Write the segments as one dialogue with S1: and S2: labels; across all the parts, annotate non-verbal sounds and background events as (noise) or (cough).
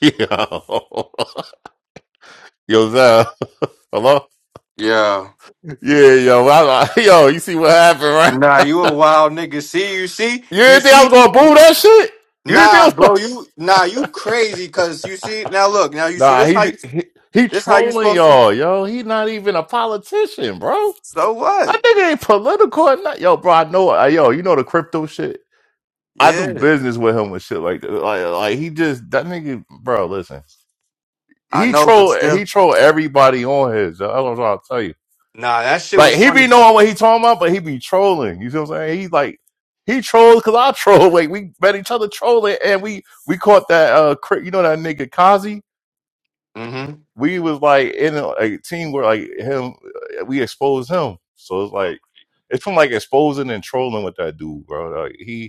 S1: Yo, (laughs) yo, Zell. (laughs) Hello?
S2: Yeah.
S1: Yeah, yo, I, I- yo, you see what happened, right?
S2: Nah, you a wild nigga. See, you see,
S1: You
S2: you
S1: didn't think I
S2: see.
S1: was gonna boo that shit? You didn't think I
S2: Nah,
S1: was gonna...
S2: bro,
S1: (laughs)
S2: you nah, you crazy. Cause you see now. Look now. You see
S1: Nah,
S2: this
S1: he,
S2: how you
S1: di- he he
S2: this how you
S1: trolling
S2: supposed to.
S1: y'all, yo. He not even a politician, bro.
S2: So
S1: I
S2: what?
S1: think he ain't political or not. Yo, bro, I know, uh, yo, you know the crypto shit? I do
S2: Yeah,
S1: business with him and shit like that. Like, like he just, that nigga, bro, listen.
S2: I
S1: He
S2: know, but
S1: troll,
S2: still.
S1: he troll everybody on his. That's what I'm trying to tell you.
S2: Nah, that shit
S1: Like
S2: was
S1: he be
S2: funny.
S1: knowing what he talking about, but he be trolling. You see what I'm saying? He's like he trolls because I (laughs) troll. Like we met each other trolling, and we we caught that uh cri- you know that nigga Kazi.
S2: Mm-hmm.
S1: We was like in a, a team where like him uh, we exposed him. So it's like it's from like exposing and trolling with that dude, bro. Like he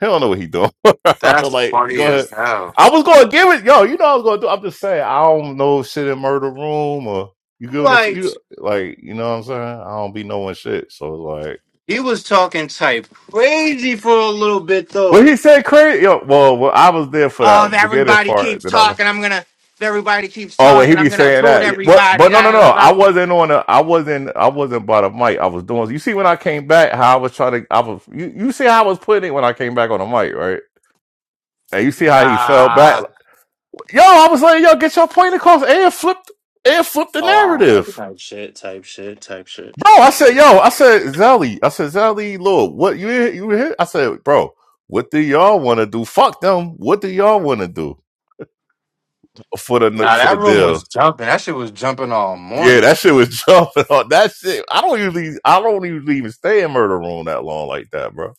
S1: he don't (laughs) know what he doing. (laughs)
S2: That's
S1: like,
S2: funny
S1: go ahead.
S2: as hell.
S1: I was gonna give it, yo. You know, I was gonna do. I'm just saying, I don't know shit in murder room or you
S2: I'm
S1: give them
S2: like,
S1: you like, you know what I'm saying. I don't be knowing shit, so it's like.
S2: he was talking type crazy for a little bit
S1: Well,
S2: though.
S1: he said crazy. Yo, well, well, I was there for
S2: Oh, if
S1: that beginning
S2: everybody
S1: part
S2: keeps
S1: that I.
S2: talking,
S1: left.
S2: I'm gonna. If everybody keeps
S1: Oh, wait, he
S2: talking, I'm
S1: be
S2: gonna
S1: saying
S2: boot
S1: that. Yeah, What?
S2: everybody.
S1: But no, no,
S2: Da,
S1: no.
S2: da, da. da.
S1: I wasn't on. I was not I wasn't. I wasn't by the mic. I was doing. You see, when I came back, how I was trying to. I was. You. You see how I was putting it when I came back on the mic, right? And you see how he fell
S2: Nah.
S1: back. Yo, I was like, yo, get your point across. And flipped, and flipped the
S2: Oh wow,
S1: narrative.
S2: type shit, type shit, type shit.
S1: Bro, I
S2: Type.
S1: said, yo, I said, Zelly, I said, Zelly, Lord, what you here- you here? I said, bro, what do y'all want to do? Fuck them. What do y'all want to do for the
S2: Nah,
S1: for the
S2: that room
S1: deal?
S2: was jumping. That shit was jumping all
S1: Yeah,
S2: morning.
S1: that shit was (laughs) jumping on that shit. I don't usually, I don't usually even stay in murder room that long like that, bro.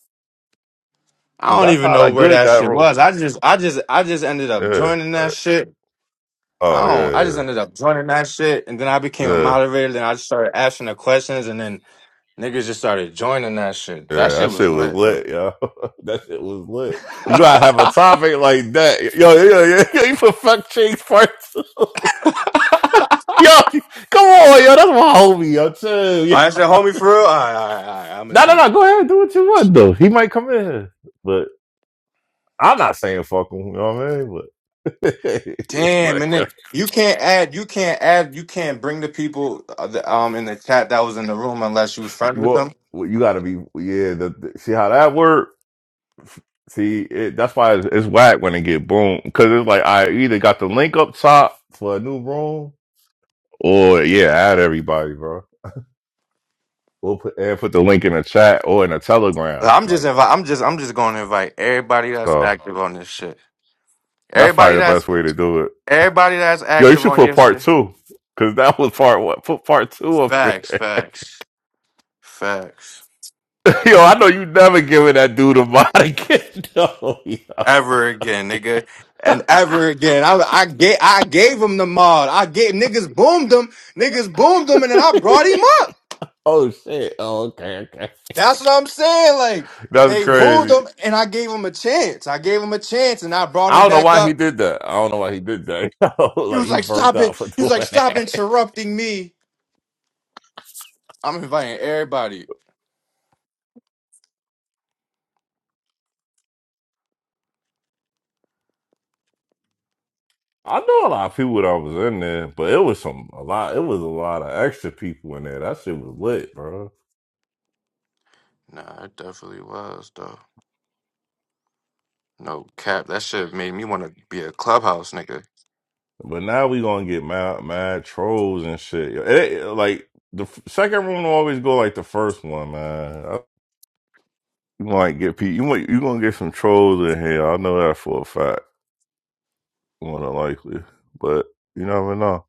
S2: I don't
S1: That's
S2: even
S1: how
S2: know
S1: that
S2: where
S1: good
S2: that
S1: that
S2: shit
S1: room.
S2: was. I just, I just, I just ended up
S1: Yeah.
S2: joining that
S1: like,
S2: shit. I
S1: oh
S2: don't. I
S1: yeah,
S2: just ended up joining that shit, and then I became a
S1: yeah. yeah.
S2: moderator. Then I just started asking the questions, and then niggas just started joining that shit. That
S1: Yeah,
S2: shit
S1: that
S2: was
S1: shit was
S2: lit though.
S1: lit, yo. (laughs) That shit was lit.
S2: (laughs)
S1: You gotta have a topic like that. Yo, yo, yo, yo you for fuck chase first. (laughs) yo, come on, yo, that's my homie, yo, too. Yo.
S2: I said, homie, for real. All right, all right, all right. I'm a
S1: No, no,
S2: change.
S1: no, go ahead, do what you want, though. He might come in here, but I'm not saying fuck him, you know what I mean? But, (laughs)
S2: Damn,
S1: but
S2: and
S1: yo,
S2: then you can't add, you can't add, you can't bring the people uh, the- um in the chat that was in the room unless you was friends
S1: you,
S2: with
S1: want-
S2: them.
S1: well, you gotta be, yeah, the, the- see how that work? See, it, that's why it's, it's whack when it get boom, because it's like I either got the link up top for a new room Or yeah, add everybody, bro. We'll put and put the link in the chat or in the
S2: But
S1: telegram.
S2: I'm just
S1: Like
S2: invite, I'm just, I'm just going to invite everybody that's
S1: so
S2: active on this shit.
S1: that's probably
S2: Everybody
S1: the
S2: that's,
S1: best way to do it.
S2: everybody that's
S1: Yo, you
S2: active
S1: should
S2: on
S1: put
S2: your
S1: part
S2: shit.
S1: two. Cause that was part one. Put part two up there.
S2: Facts,
S1: (laughs)
S2: facts, facts.
S1: yo, I know you never giving that dude a mod again. (laughs) No, yo.
S2: Ever again, nigga,
S1: (laughs)
S2: and ever again. I, I gave, I gave him the mod. I gave niggas boomed him, niggas boomed him, and then I brought him up.
S1: oh shit. Oh, okay, okay.
S2: That's what I'm saying. Like
S1: That's
S2: they booed
S1: crazy.
S2: him, and I gave him a chance. I gave him a chance, and I brought
S1: I
S2: him
S1: don't know
S2: back
S1: why he
S2: up.
S1: did that. I don't know why he did that. (laughs)
S2: He
S1: like
S2: was
S1: he
S2: like,
S1: burnt
S2: "Stop it!"
S1: out for
S2: He was like,
S1: doing
S2: "Stop
S1: that.
S2: interrupting me." I'm inviting everybody.
S1: I know a lot of people that was in there, but it was some a lot. It was a lot of extra people in there. That shit was lit, bro.
S2: Nah, it definitely was though. No cap, that shit made me want to be a clubhouse nigga.
S1: But now we gonna get mad, mad trolls and shit. It- like the f- second room will always go like the first one, man. I- You might get people. You might you gonna get some trolls in here. I know that for a fact, more than likely. But you never know.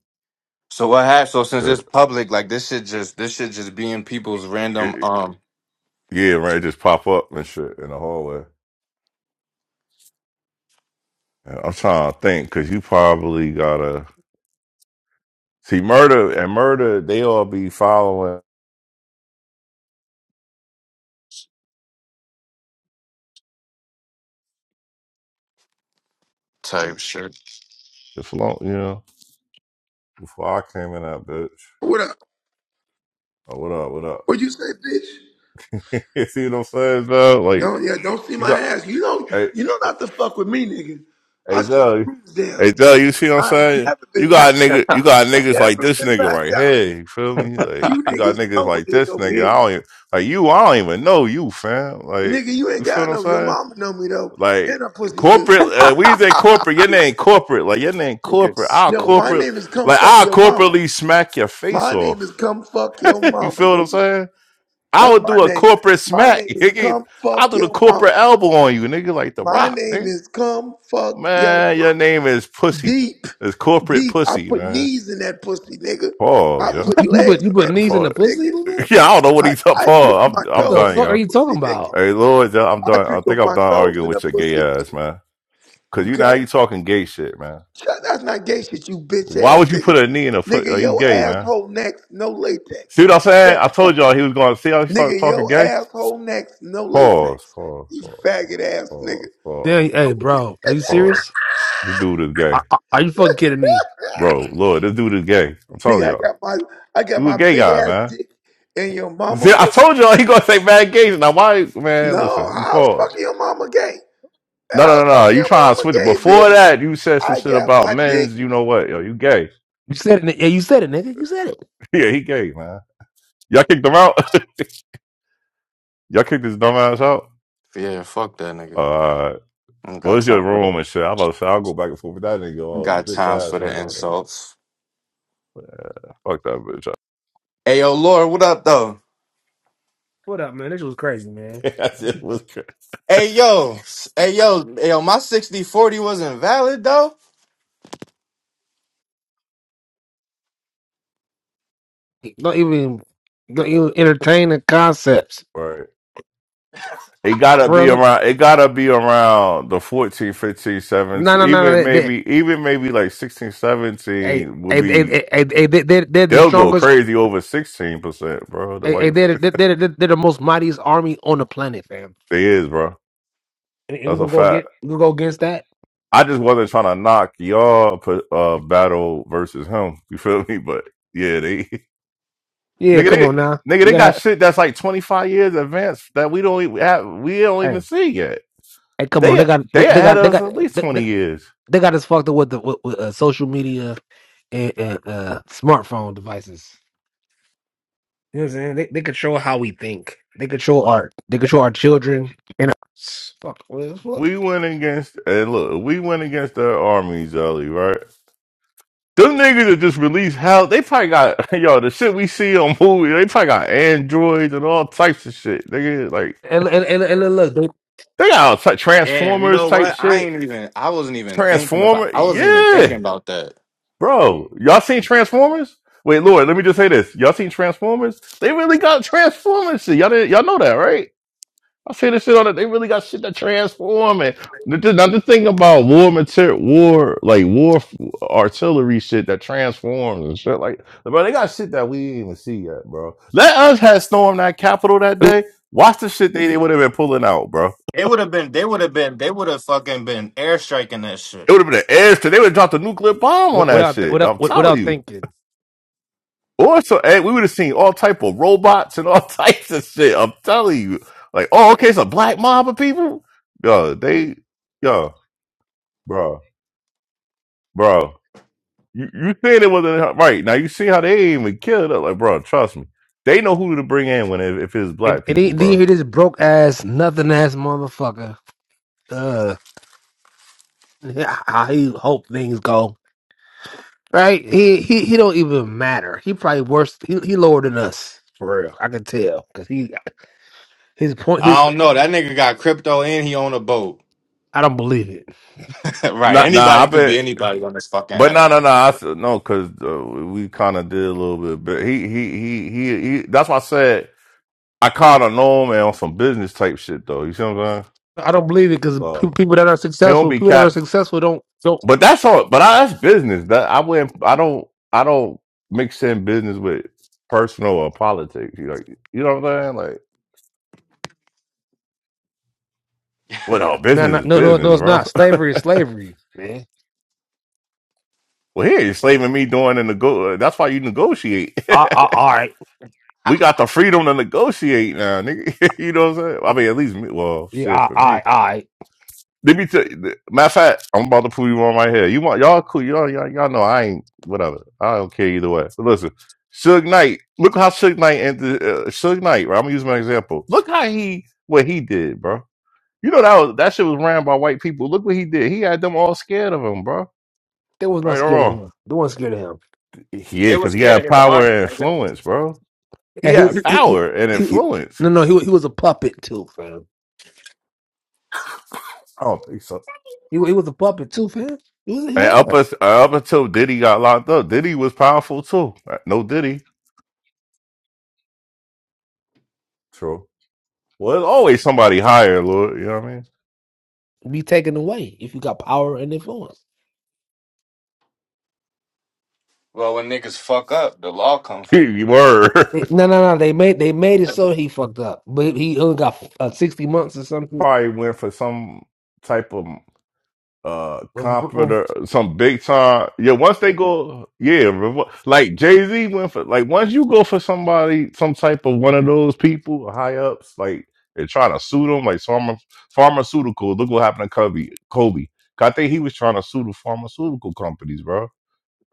S2: So what happened? So since
S1: Shit.
S2: it's public, like this shit just this shit just be in people's random
S1: It-
S2: um.
S1: Yeah, right. Just pop up and shit in the hallway. And I'm trying to think because you probably gotta. See, murder and murder, they all be following
S2: type shit.
S1: the flow, you know, before I came in that bitch.
S3: What up?
S1: Oh, what up, what up?
S3: What you say, bitch?
S1: (laughs) you see what I'm saying, though? Like,
S3: Don't yeah, don't see
S1: you
S3: my
S1: got,
S3: ass. You know,
S1: hey,
S3: you know not to fuck with me, nigga. I
S1: hey,
S3: shut
S1: Doug,
S3: rooms down.
S1: hey, Doug, you see what I'm
S3: I ain't
S1: saying?
S3: never
S1: You
S3: been
S1: got
S3: packed
S1: nigga,
S3: out.
S1: you got niggas like
S3: Never
S1: this
S3: been
S1: nigga
S3: packed
S1: right
S3: out.
S1: here, you feel me? Like,
S3: You
S1: you got
S3: niggas
S1: niggas
S3: know what
S1: like
S3: is
S1: this
S3: over
S1: nigga, I
S3: here.
S1: don't even, like you, I don't even know you, fam. Like,
S3: Nigga, you
S1: you
S3: ain't
S1: feel
S3: got
S1: what I'm
S3: no your
S1: saying?
S3: mama know me though. And
S1: Like
S3: her pussy good.
S1: corporate, uh, we say corporate. Your name corporate, like your name
S2: It
S1: corporate.
S2: gets
S1: I'll
S3: No, my
S2: stupid.
S1: corporate,
S3: name is come
S1: like
S3: fuck
S1: I'll
S3: your mama.
S1: corporately smack your face
S3: My name is
S1: off.
S3: come fuck your
S1: (laughs) you
S3: mama,
S1: feel what I'm
S3: nigga.
S1: saying? I
S3: That's
S1: would
S3: my
S1: do a
S3: name.
S1: corporate
S3: My
S1: smack. (laughs)
S3: name is
S1: nigga.
S3: come
S1: I'll
S3: fuck
S1: do the
S3: your
S1: corporate
S3: mama.
S1: elbow on you, nigga, like the
S3: My
S1: Rock.
S3: name
S1: Nigga.
S3: is come fuck your
S1: Man, your
S3: mama.
S1: name is pussy.
S3: Deep,
S1: It's corporate
S3: deep. I
S1: pussy,
S3: put
S1: man.
S3: knees in that pussy, nigga. I
S1: Pause, yo.
S3: put
S4: You put
S3: legs
S4: you
S3: in
S4: put
S1: Uh,
S3: that
S4: knees in
S3: pussy,
S4: the
S1: pause.
S4: pussy,
S3: nigga.
S1: (laughs)
S4: nigga?
S1: Yeah, I don't know what
S3: I,
S1: he's up
S3: I
S1: for.
S3: trick
S1: I'm
S3: my
S1: I'm
S4: The
S3: toes
S1: done,
S3: in
S4: fuck
S3: the
S4: are
S1: yo.
S4: you talking
S3: pussy, nigga.
S4: about?
S1: Hey, Lord, yo, I'm
S3: I
S1: done. I
S3: trick
S1: think I'm
S3: my
S1: done
S3: toes
S1: arguing
S3: in the
S1: with your gay
S3: pussy,
S1: ass,
S3: nigga.
S1: man. Cause you now
S3: Okay?
S1: you talking gay shit, man.
S3: Shut, that's not gay shit, you bitch
S1: Why
S3: ass
S1: would you
S3: nigga.
S1: put a knee in a foot?
S3: Nigga,
S1: Are you
S3: your
S1: gay, man?
S3: asshole next, no
S1: See
S3: latex.
S1: what I'm saying?
S3: Shut
S1: I
S3: the
S1: told
S3: fuck
S1: y'all
S3: up.
S1: he was going to see how he started
S3: Nigga,
S1: talking
S3: your
S1: gay.
S3: asshole next, no
S1: Pause,
S3: latex.
S1: pause,
S3: You
S1: pause,
S3: faggot
S1: pause,
S3: ass nigga.
S1: pause, pause,
S4: Damn, hey, bro, are you
S1: pause.
S4: serious?
S1: This dude is gay.
S4: Are, are are you fucking kidding me?
S1: Bro, Lord, this dude is gay. I'm telling
S3: Nigga, I
S1: y'all.
S3: got my I got
S1: You a
S3: my
S1: gay
S3: big
S1: guy,
S3: ass
S1: man.
S3: dick in your mama
S1: See, I
S3: pussy.
S1: told y'all he gonna say bad gays. Now why man,
S3: No,
S1: listen, you
S3: how's
S1: pause.
S3: fucking your mama gay?
S1: No, no,
S3: How's
S1: no, no.
S3: fucking
S1: You
S3: your
S1: trying to
S3: mama
S1: switch it.
S3: gay,
S1: Before
S3: bitch?
S1: that, you said some
S3: I
S1: shit
S3: got
S1: about
S3: my dick
S1: men's, you know what, yo, you gay.
S4: You said it. ni- Yeah, you said it, nigga. You said it.
S1: (laughs) yeah, he gay, man. Y'all kicked him out? (laughs) y'all kicked his dumbass ass out?
S2: Yeah, fuck that nigga.
S1: Uh,
S2: I don't
S1: Well,
S2: got
S1: it's your
S2: time for the I
S1: room and shit. I'm about to say I'll go back and forth with that nigga,
S2: don't
S1: all
S2: got
S1: bitch
S2: times
S1: ass
S2: for the
S1: nigga out there.
S2: insults.
S1: Fuck that bitch.
S2: Hey yo, Laura, what up though?
S4: What up, man? This was crazy, man.
S1: ass. (laughs) that shit was
S2: Hey
S1: crazy.
S2: yo, s- hey yo, hey, yo, my sixty forty wasn't valid though.
S4: Don't even don't even entertain the concepts,
S1: Right. It gotta
S4: bro.
S1: be
S4: look-
S1: around. It gotta be around the 14, 15,
S4: No,
S1: 17,
S4: no, no, no.
S1: even
S4: They, they,
S1: maybe, even maybe like 16,
S4: hey,
S1: 17 will
S4: hey, hey,
S1: be.
S4: hey, hey, hey, they, they're, they're the
S1: They'll go
S4: strongest.
S1: crazy over 16 percent, bro. The
S4: Hey, hey,
S1: white
S4: they're, they're, they're, they're they're the most mightiest army on the planet, fam.
S1: (laughs) they is, bro.
S4: And, and we
S1: That's a
S4: gonna go get
S1: fact.
S4: we gonna go against that?
S1: I just wasn't trying to knock y'all put uh battle versus him. You feel me? But yeah, they. (laughs)
S4: Yeah,
S1: Nigga,
S4: come
S1: they
S4: on now.
S1: nigga,
S4: You
S1: they got
S4: gotta.
S1: shit that's like twenty five years advanced that we don't even have, we don't even
S4: Hey,
S1: see yet.
S4: hey, come on. They
S1: They
S4: got they,
S1: they
S4: they
S1: ahead
S4: got they
S1: of us
S4: got
S1: at least
S4: they, they,
S1: twenty years.
S4: They got us fucked up with the with, with, uh, social media and, and uh, smartphone devices. You know what I'm saying? They, they control how we think. They control art. They control our children. And fuck. well,
S1: We went against and look, we went against their armies early, right? Them niggas that just released hell, they probably got (laughs) yo the shit we see on movies. They probably got androids and all types of shit. Nigga, like
S4: And and and, and look,
S1: they got all type,
S2: Damn, you
S1: transformers
S2: know
S1: type
S2: what? I
S1: shit.
S2: ain't even I wasn't even thinking about
S1: Transformer,
S2: I wasn't even
S1: yeah.
S2: thinking about that.
S1: Bro, y'all seen Transformers? Wait, Lord, let me just say this. Y'all seen Transformers? They really got Transformers shit. Y'all didn't, y'all know that, right? I say this shit on it. They really got shit that transform it. Not the not the thing about war material, war like war f- artillery shit that transforms and shit like, bro. They got shit that we didn't even see yet, bro. Let us have stormed that capital that
S4: they,
S1: day. Watch the shit they, they would have been pulling out, bro.
S2: It would have been. They would have been. They would have fucking been airstriking that
S1: It
S2: shit.
S1: would have been an airstrike. They would have dropped a nuclear bomb on that
S4: without
S1: shit.
S4: without
S1: I'm telling
S4: without
S1: you.
S4: thinking.
S1: Or so hey, we would have seen all type of robots and all (laughs) types of shit. I'm telling you, like, oh, okay, it's a black mob of people. Yo, they, yo, bro, bro, you you saying it wasn't right now? You see how they ain't even killed it? Like, bro, trust me, they know who to bring in when if, if it's
S4: And,
S1: black
S4: and
S1: people,
S4: then then you
S1: bro.
S4: hear this broke ass, nothing ass motherfucker. Uh, how he hope things go. Right? He he he don't even matter. He probably worse. He he lower than us for real. I can tell because he his point.
S2: I don't know. That nigga got crypto and he own a boat.
S4: I don't believe it.
S2: (laughs) right.
S1: Nah, nah, I
S2: Anybody could be
S1: bet,
S2: anybody on this fucking
S1: but
S2: app.
S1: nah, nah, nah. I said no because uh, we kind of did a little bit, but he, he, he, he, he. That's why I said I kind of know him and on some business type shit though. You see what I'm saying?
S4: I don't believe it because
S1: So.
S4: people that are
S1: He don't
S4: successful,
S1: be
S4: people that are
S1: cap.
S4: successful don't don't.
S1: But that's all. But I, that's business. That I wouldn't. I don't. I don't mix in business with personal or politics. You know. You know what I'm saying? Like, well, no,
S4: No,
S1: business
S4: no,
S1: is
S4: no, no, no,
S1: business,
S4: it's
S1: bro.
S4: not.
S1: (laughs)
S4: Slavery is slavery, man.
S1: well, here you're slaving me doing the nego. That's why you negotiate.
S4: I, I, all right,
S1: (laughs) we got
S2: (laughs)
S1: the freedom to negotiate now, nigga. (laughs) you know what I'm saying?
S4: I,
S1: I mean, at least me. Well,
S4: yeah,
S1: shit
S4: I,
S1: for
S4: I,
S1: me.
S4: I.
S1: Let me tell you. Matter of fact, I'm about to prove you on my here. You want y'all cool? Y'all, y'all, y'all know I ain't whatever. I don't care either way. So listen, Suge Knight. Look how Suge Knight and uh, Suge Knight. Right, I'm gonna use my example. Look how he what he did, bro. You know that was that shit was ran by white people. Look what he did. He had them all scared of him, bro.
S4: They was not
S1: Right or
S4: scared of
S1: wrong?
S4: him. They weren't scared of him.
S1: Yeah,
S2: they was
S1: because he
S2: scared of
S1: had
S2: his
S1: power
S2: army,
S1: and
S2: nigga.
S1: influence, bro. He
S4: And he,
S1: had
S4: he, he,
S1: power and
S4: he, he
S1: influence.
S4: no, no, he, wa- he was a puppet too, fam.
S1: I don't think so.
S4: He, wa- he was a puppet too, fam. He was, he
S1: And up,
S4: was.
S1: us- uh, up until Diddy got locked up, Diddy was powerful too. Uh, No Diddy. True. Well, there's always somebody higher, Lord. You know what I
S4: Be taken away if you got power and influence.
S2: Well, when niggas fuck up, the law come for
S1: mean? (laughs)
S2: you.
S1: you were
S4: They- no, no, no. They made, they made it so he fucked up, but he only got uh, sixty months or
S1: (laughs)
S4: something
S1: probably went for some type of uh comforter, some big time. Yeah, once they go, yeah, revo- like Jay Z went for like once you go for somebody, some type of one of those people high ups, like they're trying to sue them, like pharma, pharmaceutical. Look what happened to Kobe. Kobe. I think he was trying to sue the pharmaceutical companies, bro.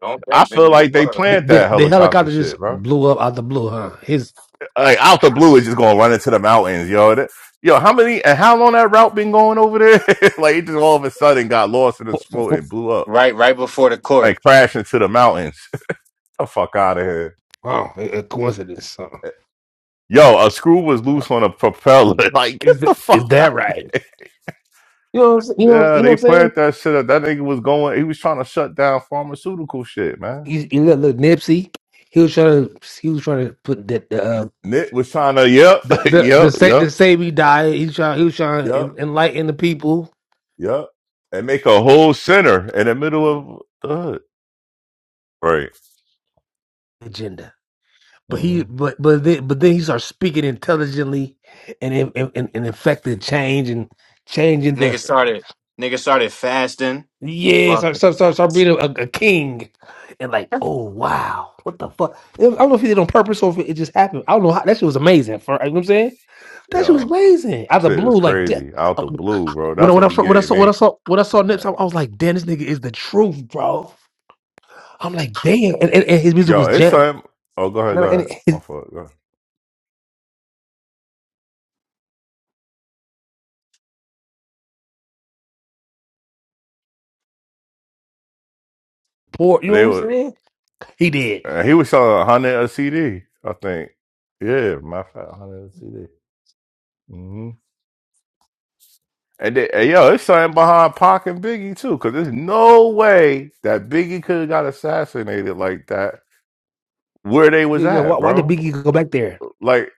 S2: Don't
S1: I
S2: think,
S1: feel
S2: nigga, he
S1: like they
S2: was.
S4: The,
S1: planned
S4: the,
S1: that
S4: the
S1: helicopter
S4: helicopter just
S1: shit, bro.
S4: blew up out the blue, huh? His
S1: like out the blue is just
S4: (laughs)
S1: gonna run into the mountains, yo. That, yo, how many and how long that route been going over there? (laughs) like it just all of a sudden got lost in the smoke and
S4: wow,
S1: blew up,
S2: Right, right before the court.
S1: like crashed into the mountains. Get the fuck out of here.
S4: a a coincidence. Huh?
S1: Eh, Yo, a screw was loose on a propeller. (laughs) Like, get
S4: Is
S1: the
S4: that is
S1: fuck out
S4: that
S1: of
S4: right?
S1: here.
S4: You know, what I'm, s- you know,
S1: Yeah,
S4: you know what
S1: they
S4: I'm saying.
S1: planned that shit up. That nigga was going, he was trying to shut down pharmaceutical shit, man.
S4: You, you look, look, Nipsey. He was trying to, he was trying to put that uh,
S1: Nick was trying to, yep,
S4: the
S1: (laughs)
S4: the
S1: yep,
S4: the sa-
S1: yep,
S4: the save he died. He trying, he was trying to
S1: yep,
S4: en- enlighten the people
S1: yep. (laughs) And make a whole center in the middle of the hood. Right.
S4: agenda. But he,
S1: hmm
S4: but but then, but then he started speaking intelligently and in- and and, and affected change and changing the
S2: Nigga started nigga started fasting.
S4: Yes,
S2: Fuck.
S4: start start start, start being a, a king, and like, oh wow, what the fuck? I don't know if he did it on purpose or if it just happened. I don't know how that shit was amazing. For you know what I'm saying, that shit was
S1: Yo,
S4: amazing out
S1: that
S4: of the
S1: shit
S4: blue.
S1: is
S4: Like da-
S1: crazy. Out
S4: uh,
S1: the blue, bro.
S4: when I,
S1: That's
S4: when
S1: what
S4: I
S1: we
S4: saw when I
S1: gave
S4: saw when I
S1: me.
S4: saw when I saw
S1: All
S4: Nips,
S1: right.
S4: I, I was like, damn, this nigga is the truth, bro. I'm like, damn, and, and, and his music
S1: Yo,
S4: was
S1: it's
S4: jam,
S1: something. Oh, go ahead,
S4: nah,
S1: go
S4: and
S1: ahead. My
S4: his
S1: fault. Go ahead.
S4: poor. You know what
S1: They
S4: I'm
S1: were.
S4: saying? He did.
S1: Uh, he was selling a hundred a CD, I think. Yeah, matter of fact, hundred a CD. hmm And, they, and yo, it's something behind Pac and Biggie too, because there's no way that Biggie could have got assassinated like that where they was
S4: Yeah, yeah. Why,
S1: at,
S4: why did
S1: bro.
S4: Biggie go back there?
S1: Like,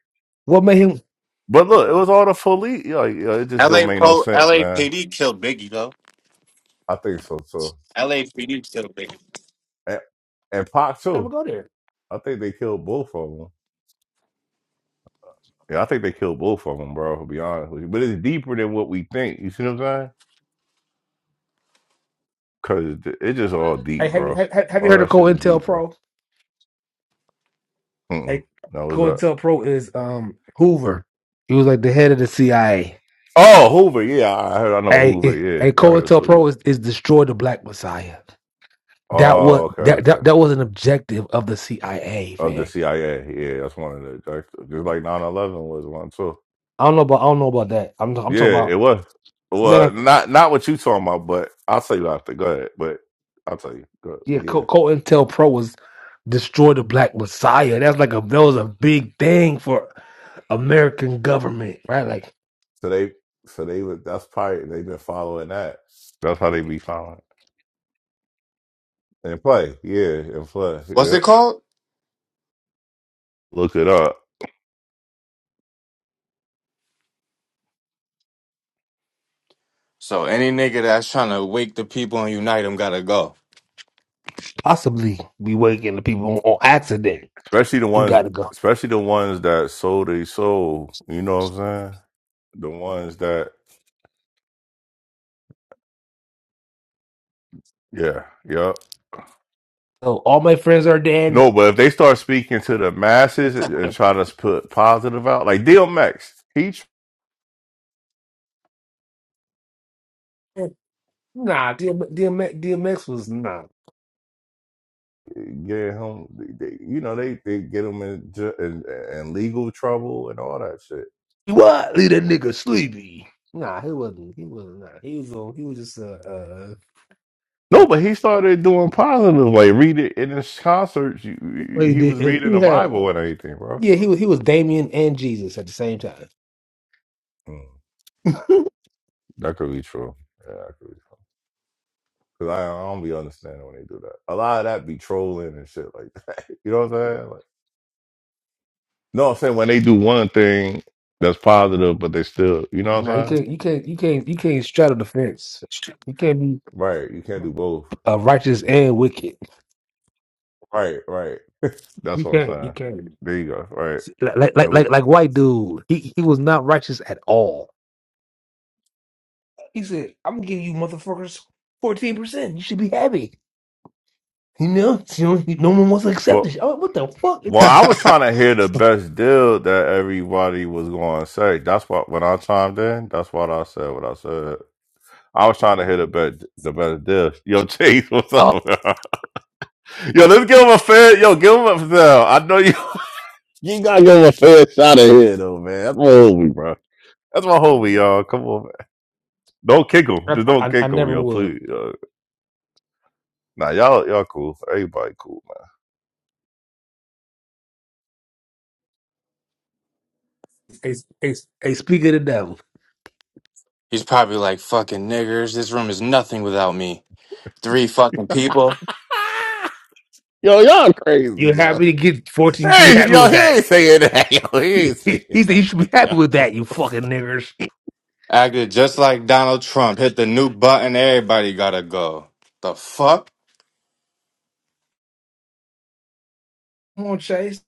S4: What made him
S1: but look, it was all the police. Yo, yo, it just
S2: LA
S1: don't make no
S2: Pro
S1: sense, man.
S2: LAPD killed Biggie though.
S1: I think so too.
S2: LAPD killed Biggie.
S1: And, and Pac
S4: never
S1: too.
S4: go there?
S1: I think they killed both of them. Yeah, I think they killed both of them, bro. To be honest with you, but it's deeper than what we think. You see what I'm saying? Cause it's just all
S4: Hey,
S1: deep,
S4: have you
S1: bro.
S4: have, have you
S1: All
S4: heard of
S1: that
S4: Cole
S1: shit is
S4: Intel
S1: deep, bro.
S4: Pro?
S1: Mm-mm.
S4: Hey,
S1: That was that.
S4: COINTELPRO is um Hoover. He was like the head of the CIA.
S1: Oh, Hoover. Yeah, I heard. I know
S4: Hey, eh,
S1: Hoover. Yeah,
S4: hey,
S1: I heard it's Hoover.
S4: COINTELPRO is, is destroy the Black Messiah. That was
S1: Oh, okay,
S4: that, that
S1: okay.
S4: that was an objective of the CIA,
S1: Of the
S4: man.
S1: CIA. Yeah, that's one of the that's- just like nine eleven was one too.
S4: I don't know about I don't know about that. I'm I'm
S1: Yeah,
S4: talking about
S1: it was.
S4: no, no,
S1: Well, not not what you talking about, but I'll tell you after. Go ahead, but I'll tell you. Go ahead. but
S4: yeah.
S1: yeah.
S4: Co- COINTELPRO was destroy the Black Messiah. That's like a that was a big thing for American government, right? Like
S1: So they, so they would. That's probably they've been following that. That's how they be following and play. Yeah, and play.
S2: What's it
S1: Yep.
S2: called?
S1: Look it up,
S2: So any nigga that's trying to wake the people and unite them gotta go.
S4: possibly we waking the people on, on accident.
S1: especially the
S4: You
S1: ones,
S4: gotta go.
S1: especially the ones that sold their soul. You know what I'm saying? The ones that, yeah, yep.
S4: So all my friends are dead.
S1: No, but if they start speaking to the masses and try to put positive out, like DMX, he tr-
S4: Nah, DM, DMX, DMX was nah,
S1: get him, they, you know, they, they get him in, ju- in, in legal trouble and all that shit.
S4: What? Leave that nigga sleepy. nah. He wasn't. He wasn't. Nah. He was. On, he was just uh, uh
S1: No,
S4: Well,
S1: but he started doing positive, like reading in his concerts. you- you-
S4: he
S1: He was
S4: did.
S1: reading
S4: He
S1: the
S4: had
S1: Bible and everything, bro.
S4: yeah, he was he was Damien and Jesus at the same time.
S1: Mm,
S4: (laughs)
S1: That could be true. yeah, that could be true. Cause I, I don't be understanding when they do that. A lot of that be trolling and shit like that. (laughs) You know what I'm saying? Like, no, I'm saying when they do one thing that's positive, but they still, you know what
S4: Nah, you
S1: I'm saying?
S4: can't you can't you can't you can't straddle the fence. You can't be
S1: right, you can't do both.
S4: uh, righteous and wicked.
S1: Right, right. (laughs) That's
S4: You
S1: what I'm
S4: can't you
S1: saying.
S4: can't
S1: There you go. Right.
S4: See, like like like like
S1: Nope.
S4: like white dude. He he was not righteous at all. He said, "I'm gonna give you motherfuckers fourteen percent. You should be happy." You know, you know, he- no one wants to accept
S1: Well,
S4: this. Oh, what the fuck? It's
S1: Well,
S4: your...
S1: I was trying
S2: (laughs)
S1: to hear the best deal that everybody was going to say. That's what when I chimed in. That's what I said. What I said. I was trying to hear the best, the best deal. (laughs) Yo, Chase, what's up?
S4: Oh,
S1: Man? (laughs) Yo, let's give him a fair. Yo, give him a fair. I know you. (laughs) You gotta give him a fair shot of here, though, man. That's my homie, bro. That's my homie, y'all. Come on, man. Don't kick him.
S4: I,
S1: Just don't
S4: I, I
S1: kick him,
S4: never
S1: yo.
S4: would.
S1: Please. Yo. Nah, y'all, y'all cool. Everybody cool,
S4: Hey, s- hey, s- hey, speak of the devil.
S2: He's probably like fucking niggers. This room is nothing without me. Three fucking people
S1: man. (laughs) Yo, y'all crazy,
S4: You're
S1: yo.
S4: happy to get 14. You should be
S1: Hey,
S4: happy
S1: yo,
S4: with
S1: he
S4: that. (laughs)
S1: ain't saying that. (laughs) Yo, he
S4: He,
S1: ain't
S4: he,
S1: saying
S4: he said you
S1: that.
S4: should
S1: (laughs)
S4: be happy
S1: Yo.
S4: with that, you fucking niggers.
S2: acted just like Donald Trump. Hit the new button. Everybody gotta go. The fuck?
S4: Come on, Chase.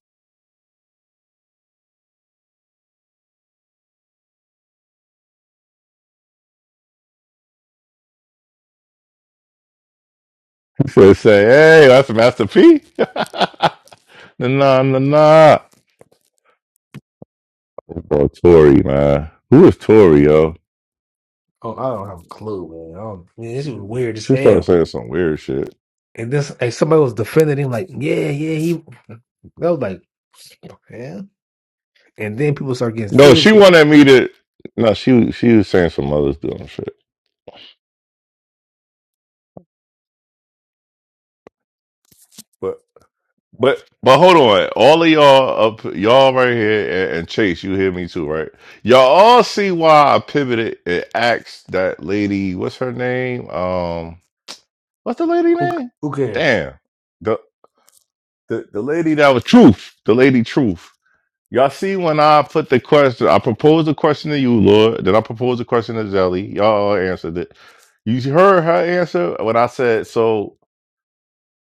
S1: So say, hey, that's Master P. (laughs) nah, nah, nah. nah. Oh, Tori, man. Who is Tori, yo?
S4: Oh, I don't have a clue, man. I don't, man this is weird as
S1: She started
S4: hell.
S1: saying some weird shit.
S4: And this, and somebody was defending him, like, yeah, yeah, he. I was like, yeah. And then people start getting
S1: No, she
S4: serious. like,
S1: wanted me to. No, she she was saying some other's doing shit. But but but hold on, all of y'all up, y'all right here, and, and Chase, you hear me too, right? Y'all all see why I pivoted and asked that lady, what's her name? Um. What's the lady
S4: Who,
S1: name?
S4: who cares?
S1: Damn. The, the the lady that was truth. The lady truth. Y'all see when I put the question, I proposed a question to you, Lord. Then I proposed a question to Zelly. Y'all all answered it. You heard her answer when I said, so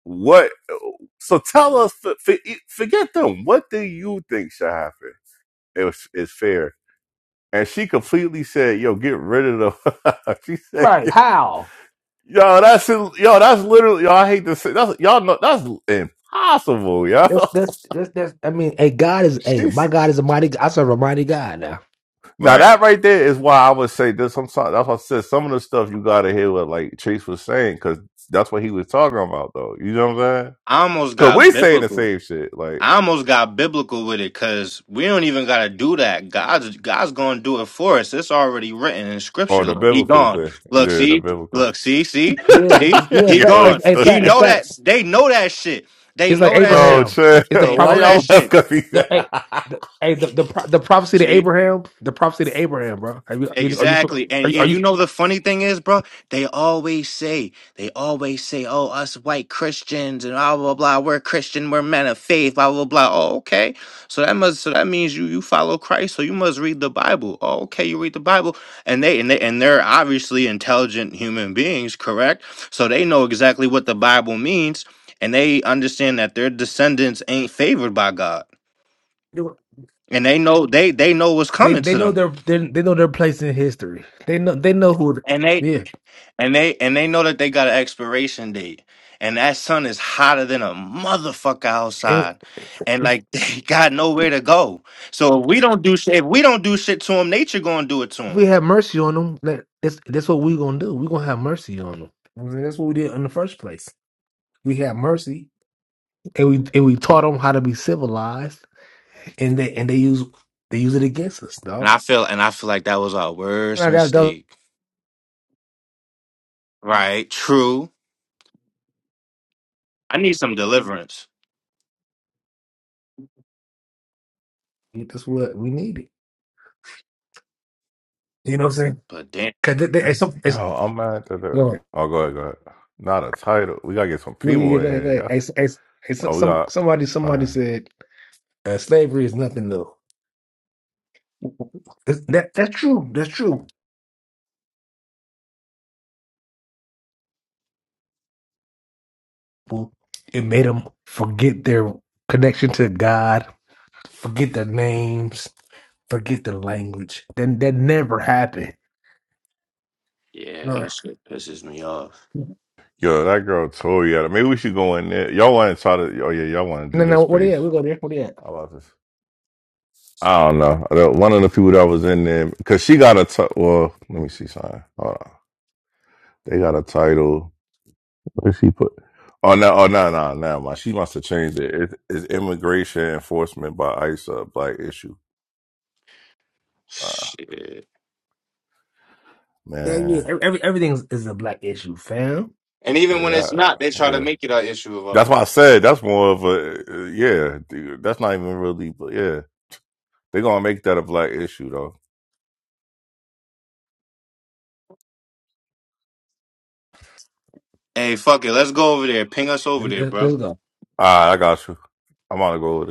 S1: what? So tell us, for- forget them. What do you think should happen? It was, it's fair. And she completely said, yo, get rid of them. (laughs) she said,
S4: Right? How?
S1: Yo, that's yo, that's literally yo. I hate to say that's y'all know that's impossible, yo.
S4: That's that's that's that's. I mean, hey, God
S1: (laughs)
S4: is hey, my
S1: She's
S4: God is a mighty. I serve a mighty God now.
S1: now
S2: Right.
S1: that right there is why I would say this. I'm sorry, that's why I said some of the stuff you gotta hear what like Chase was saying because that's what he was talking about though. You know what I'm saying?
S2: I almost
S1: Because
S2: got
S1: we saying the
S2: biblical.
S1: same shit like
S2: I almost got biblical with it because we don't even gotta do that. God's God's gonna do it for us. It's already written in
S1: on
S2: scripture.
S1: the
S2: Look, he
S1: biblical
S2: gone.
S1: thing.
S2: Look,
S1: Yeah, the
S2: see,
S1: biblical.
S2: look, see, see,
S4: Yeah, it's-
S2: see,
S4: it's-
S1: (laughs)
S4: yeah.
S2: he
S4: Fact,
S1: yo,
S4: hey,
S2: gone.
S4: hey,
S2: He
S4: fact, hey,
S2: know
S1: it's-
S2: that
S4: facts.
S2: they know that shit. They
S4: It's like
S2: know that
S1: yo,
S2: shit.
S4: Abraham. It's the
S1: chill.
S2: They
S1: Why
S2: know
S4: prophecy.
S2: that
S1: y'all laugh?
S2: shit.
S1: Cause he
S4: The,
S1: said, (laughs)
S4: hey,
S1: yo,
S4: the, hey, the the, pro, the prophecy to
S2: See?
S4: Abraham. The prophecy to Abraham, bro. Are you you- are you
S2: Exactly. And,
S4: are you, are
S2: and you know the funny thing is, bro, they always say, they always say, oh, us white Christians and blah blah blah, we're Christian, we're men of faith, blah blah blah. Oh, okay. So that must so that means you you follow Christ, so you must read the Bible. Oh, okay, you read the Bible. And they and they and they're obviously intelligent human beings, correct? So they know exactly what the Bible means, and they understand that their descendants ain't favored by God.
S4: you
S2: And they know they they know what's
S4: they
S2: coming
S4: they
S2: to
S4: know
S2: them.
S4: their they, they know their place in history. They know they know who.
S2: and they.
S4: Yeah,
S2: and they and they know that they got an expiration date and that sun is hotter than a motherfucker
S4: and
S2: outside and
S4: it's-
S2: like (laughs) they got nowhere to go so if we don't do shit if we don't do shit to them nature gonna do it to
S4: if we
S2: them
S4: have mercy on them, that, that's that's what we're gonna do. We're gonna have mercy on them. I mean, that's what we did in the first place. We had mercy and we and we taught them how to be civilized, and they and they use they use it against us,
S2: and
S4: dog.
S2: i feel and i feel like that was our worst
S4: Now that, that
S2: mistake right true i need some deliverance
S4: that's what we needed. You know what I'm saying?
S2: but damn
S4: Because they, they, it's, some- it's,
S1: I'm mad at the.
S4: go on.
S1: Oh, go ahead, go ahead. Not a title. We gotta get some
S4: We-
S1: people in
S4: like- like,
S1: here.
S4: it's- it's- it's
S1: Oh, we
S4: some
S1: got
S4: somebody somebody
S1: okay.
S4: said uh, slavery is nothing new. It's- That that's true. That's true. Well, it made them forget their connection to God, forget their names, forget their language. Then that never happened.
S2: yeah
S4: No,
S2: that shit pisses me off
S1: Yo, that girl Tori. Yeah, Maybe we should go in there. Y'all want to try to? Oh yeah, y'all want to
S4: no,
S1: do this
S4: no. What are you
S1: space?
S4: at? We go there. What are you at?
S1: How about this? I don't know. The- One of the people that was in there because she got a t- well. Let me see something. Hold on. They got a title. What did she put? Oh no! Oh no! No! No! My she must have changed it. it. It's immigration enforcement by ICE a black issue. Uh,
S2: shit
S4: Yeah, yeah.
S1: man,
S4: Every, everything is, is a black issue, fam.
S2: and even
S1: yeah,
S2: when it's
S1: that,
S2: not they try to
S1: yeah.
S2: make it an issue of
S1: That's
S2: ours
S1: why I said that's more of a uh, yeah. dude, That's not even really, but yeah. They're gonna make that a black issue though.
S2: hey fuck it let's go over there ping us over
S4: Let's
S2: there
S4: let's
S2: bro
S4: go.
S1: All right, I got you. I'm on to go with it.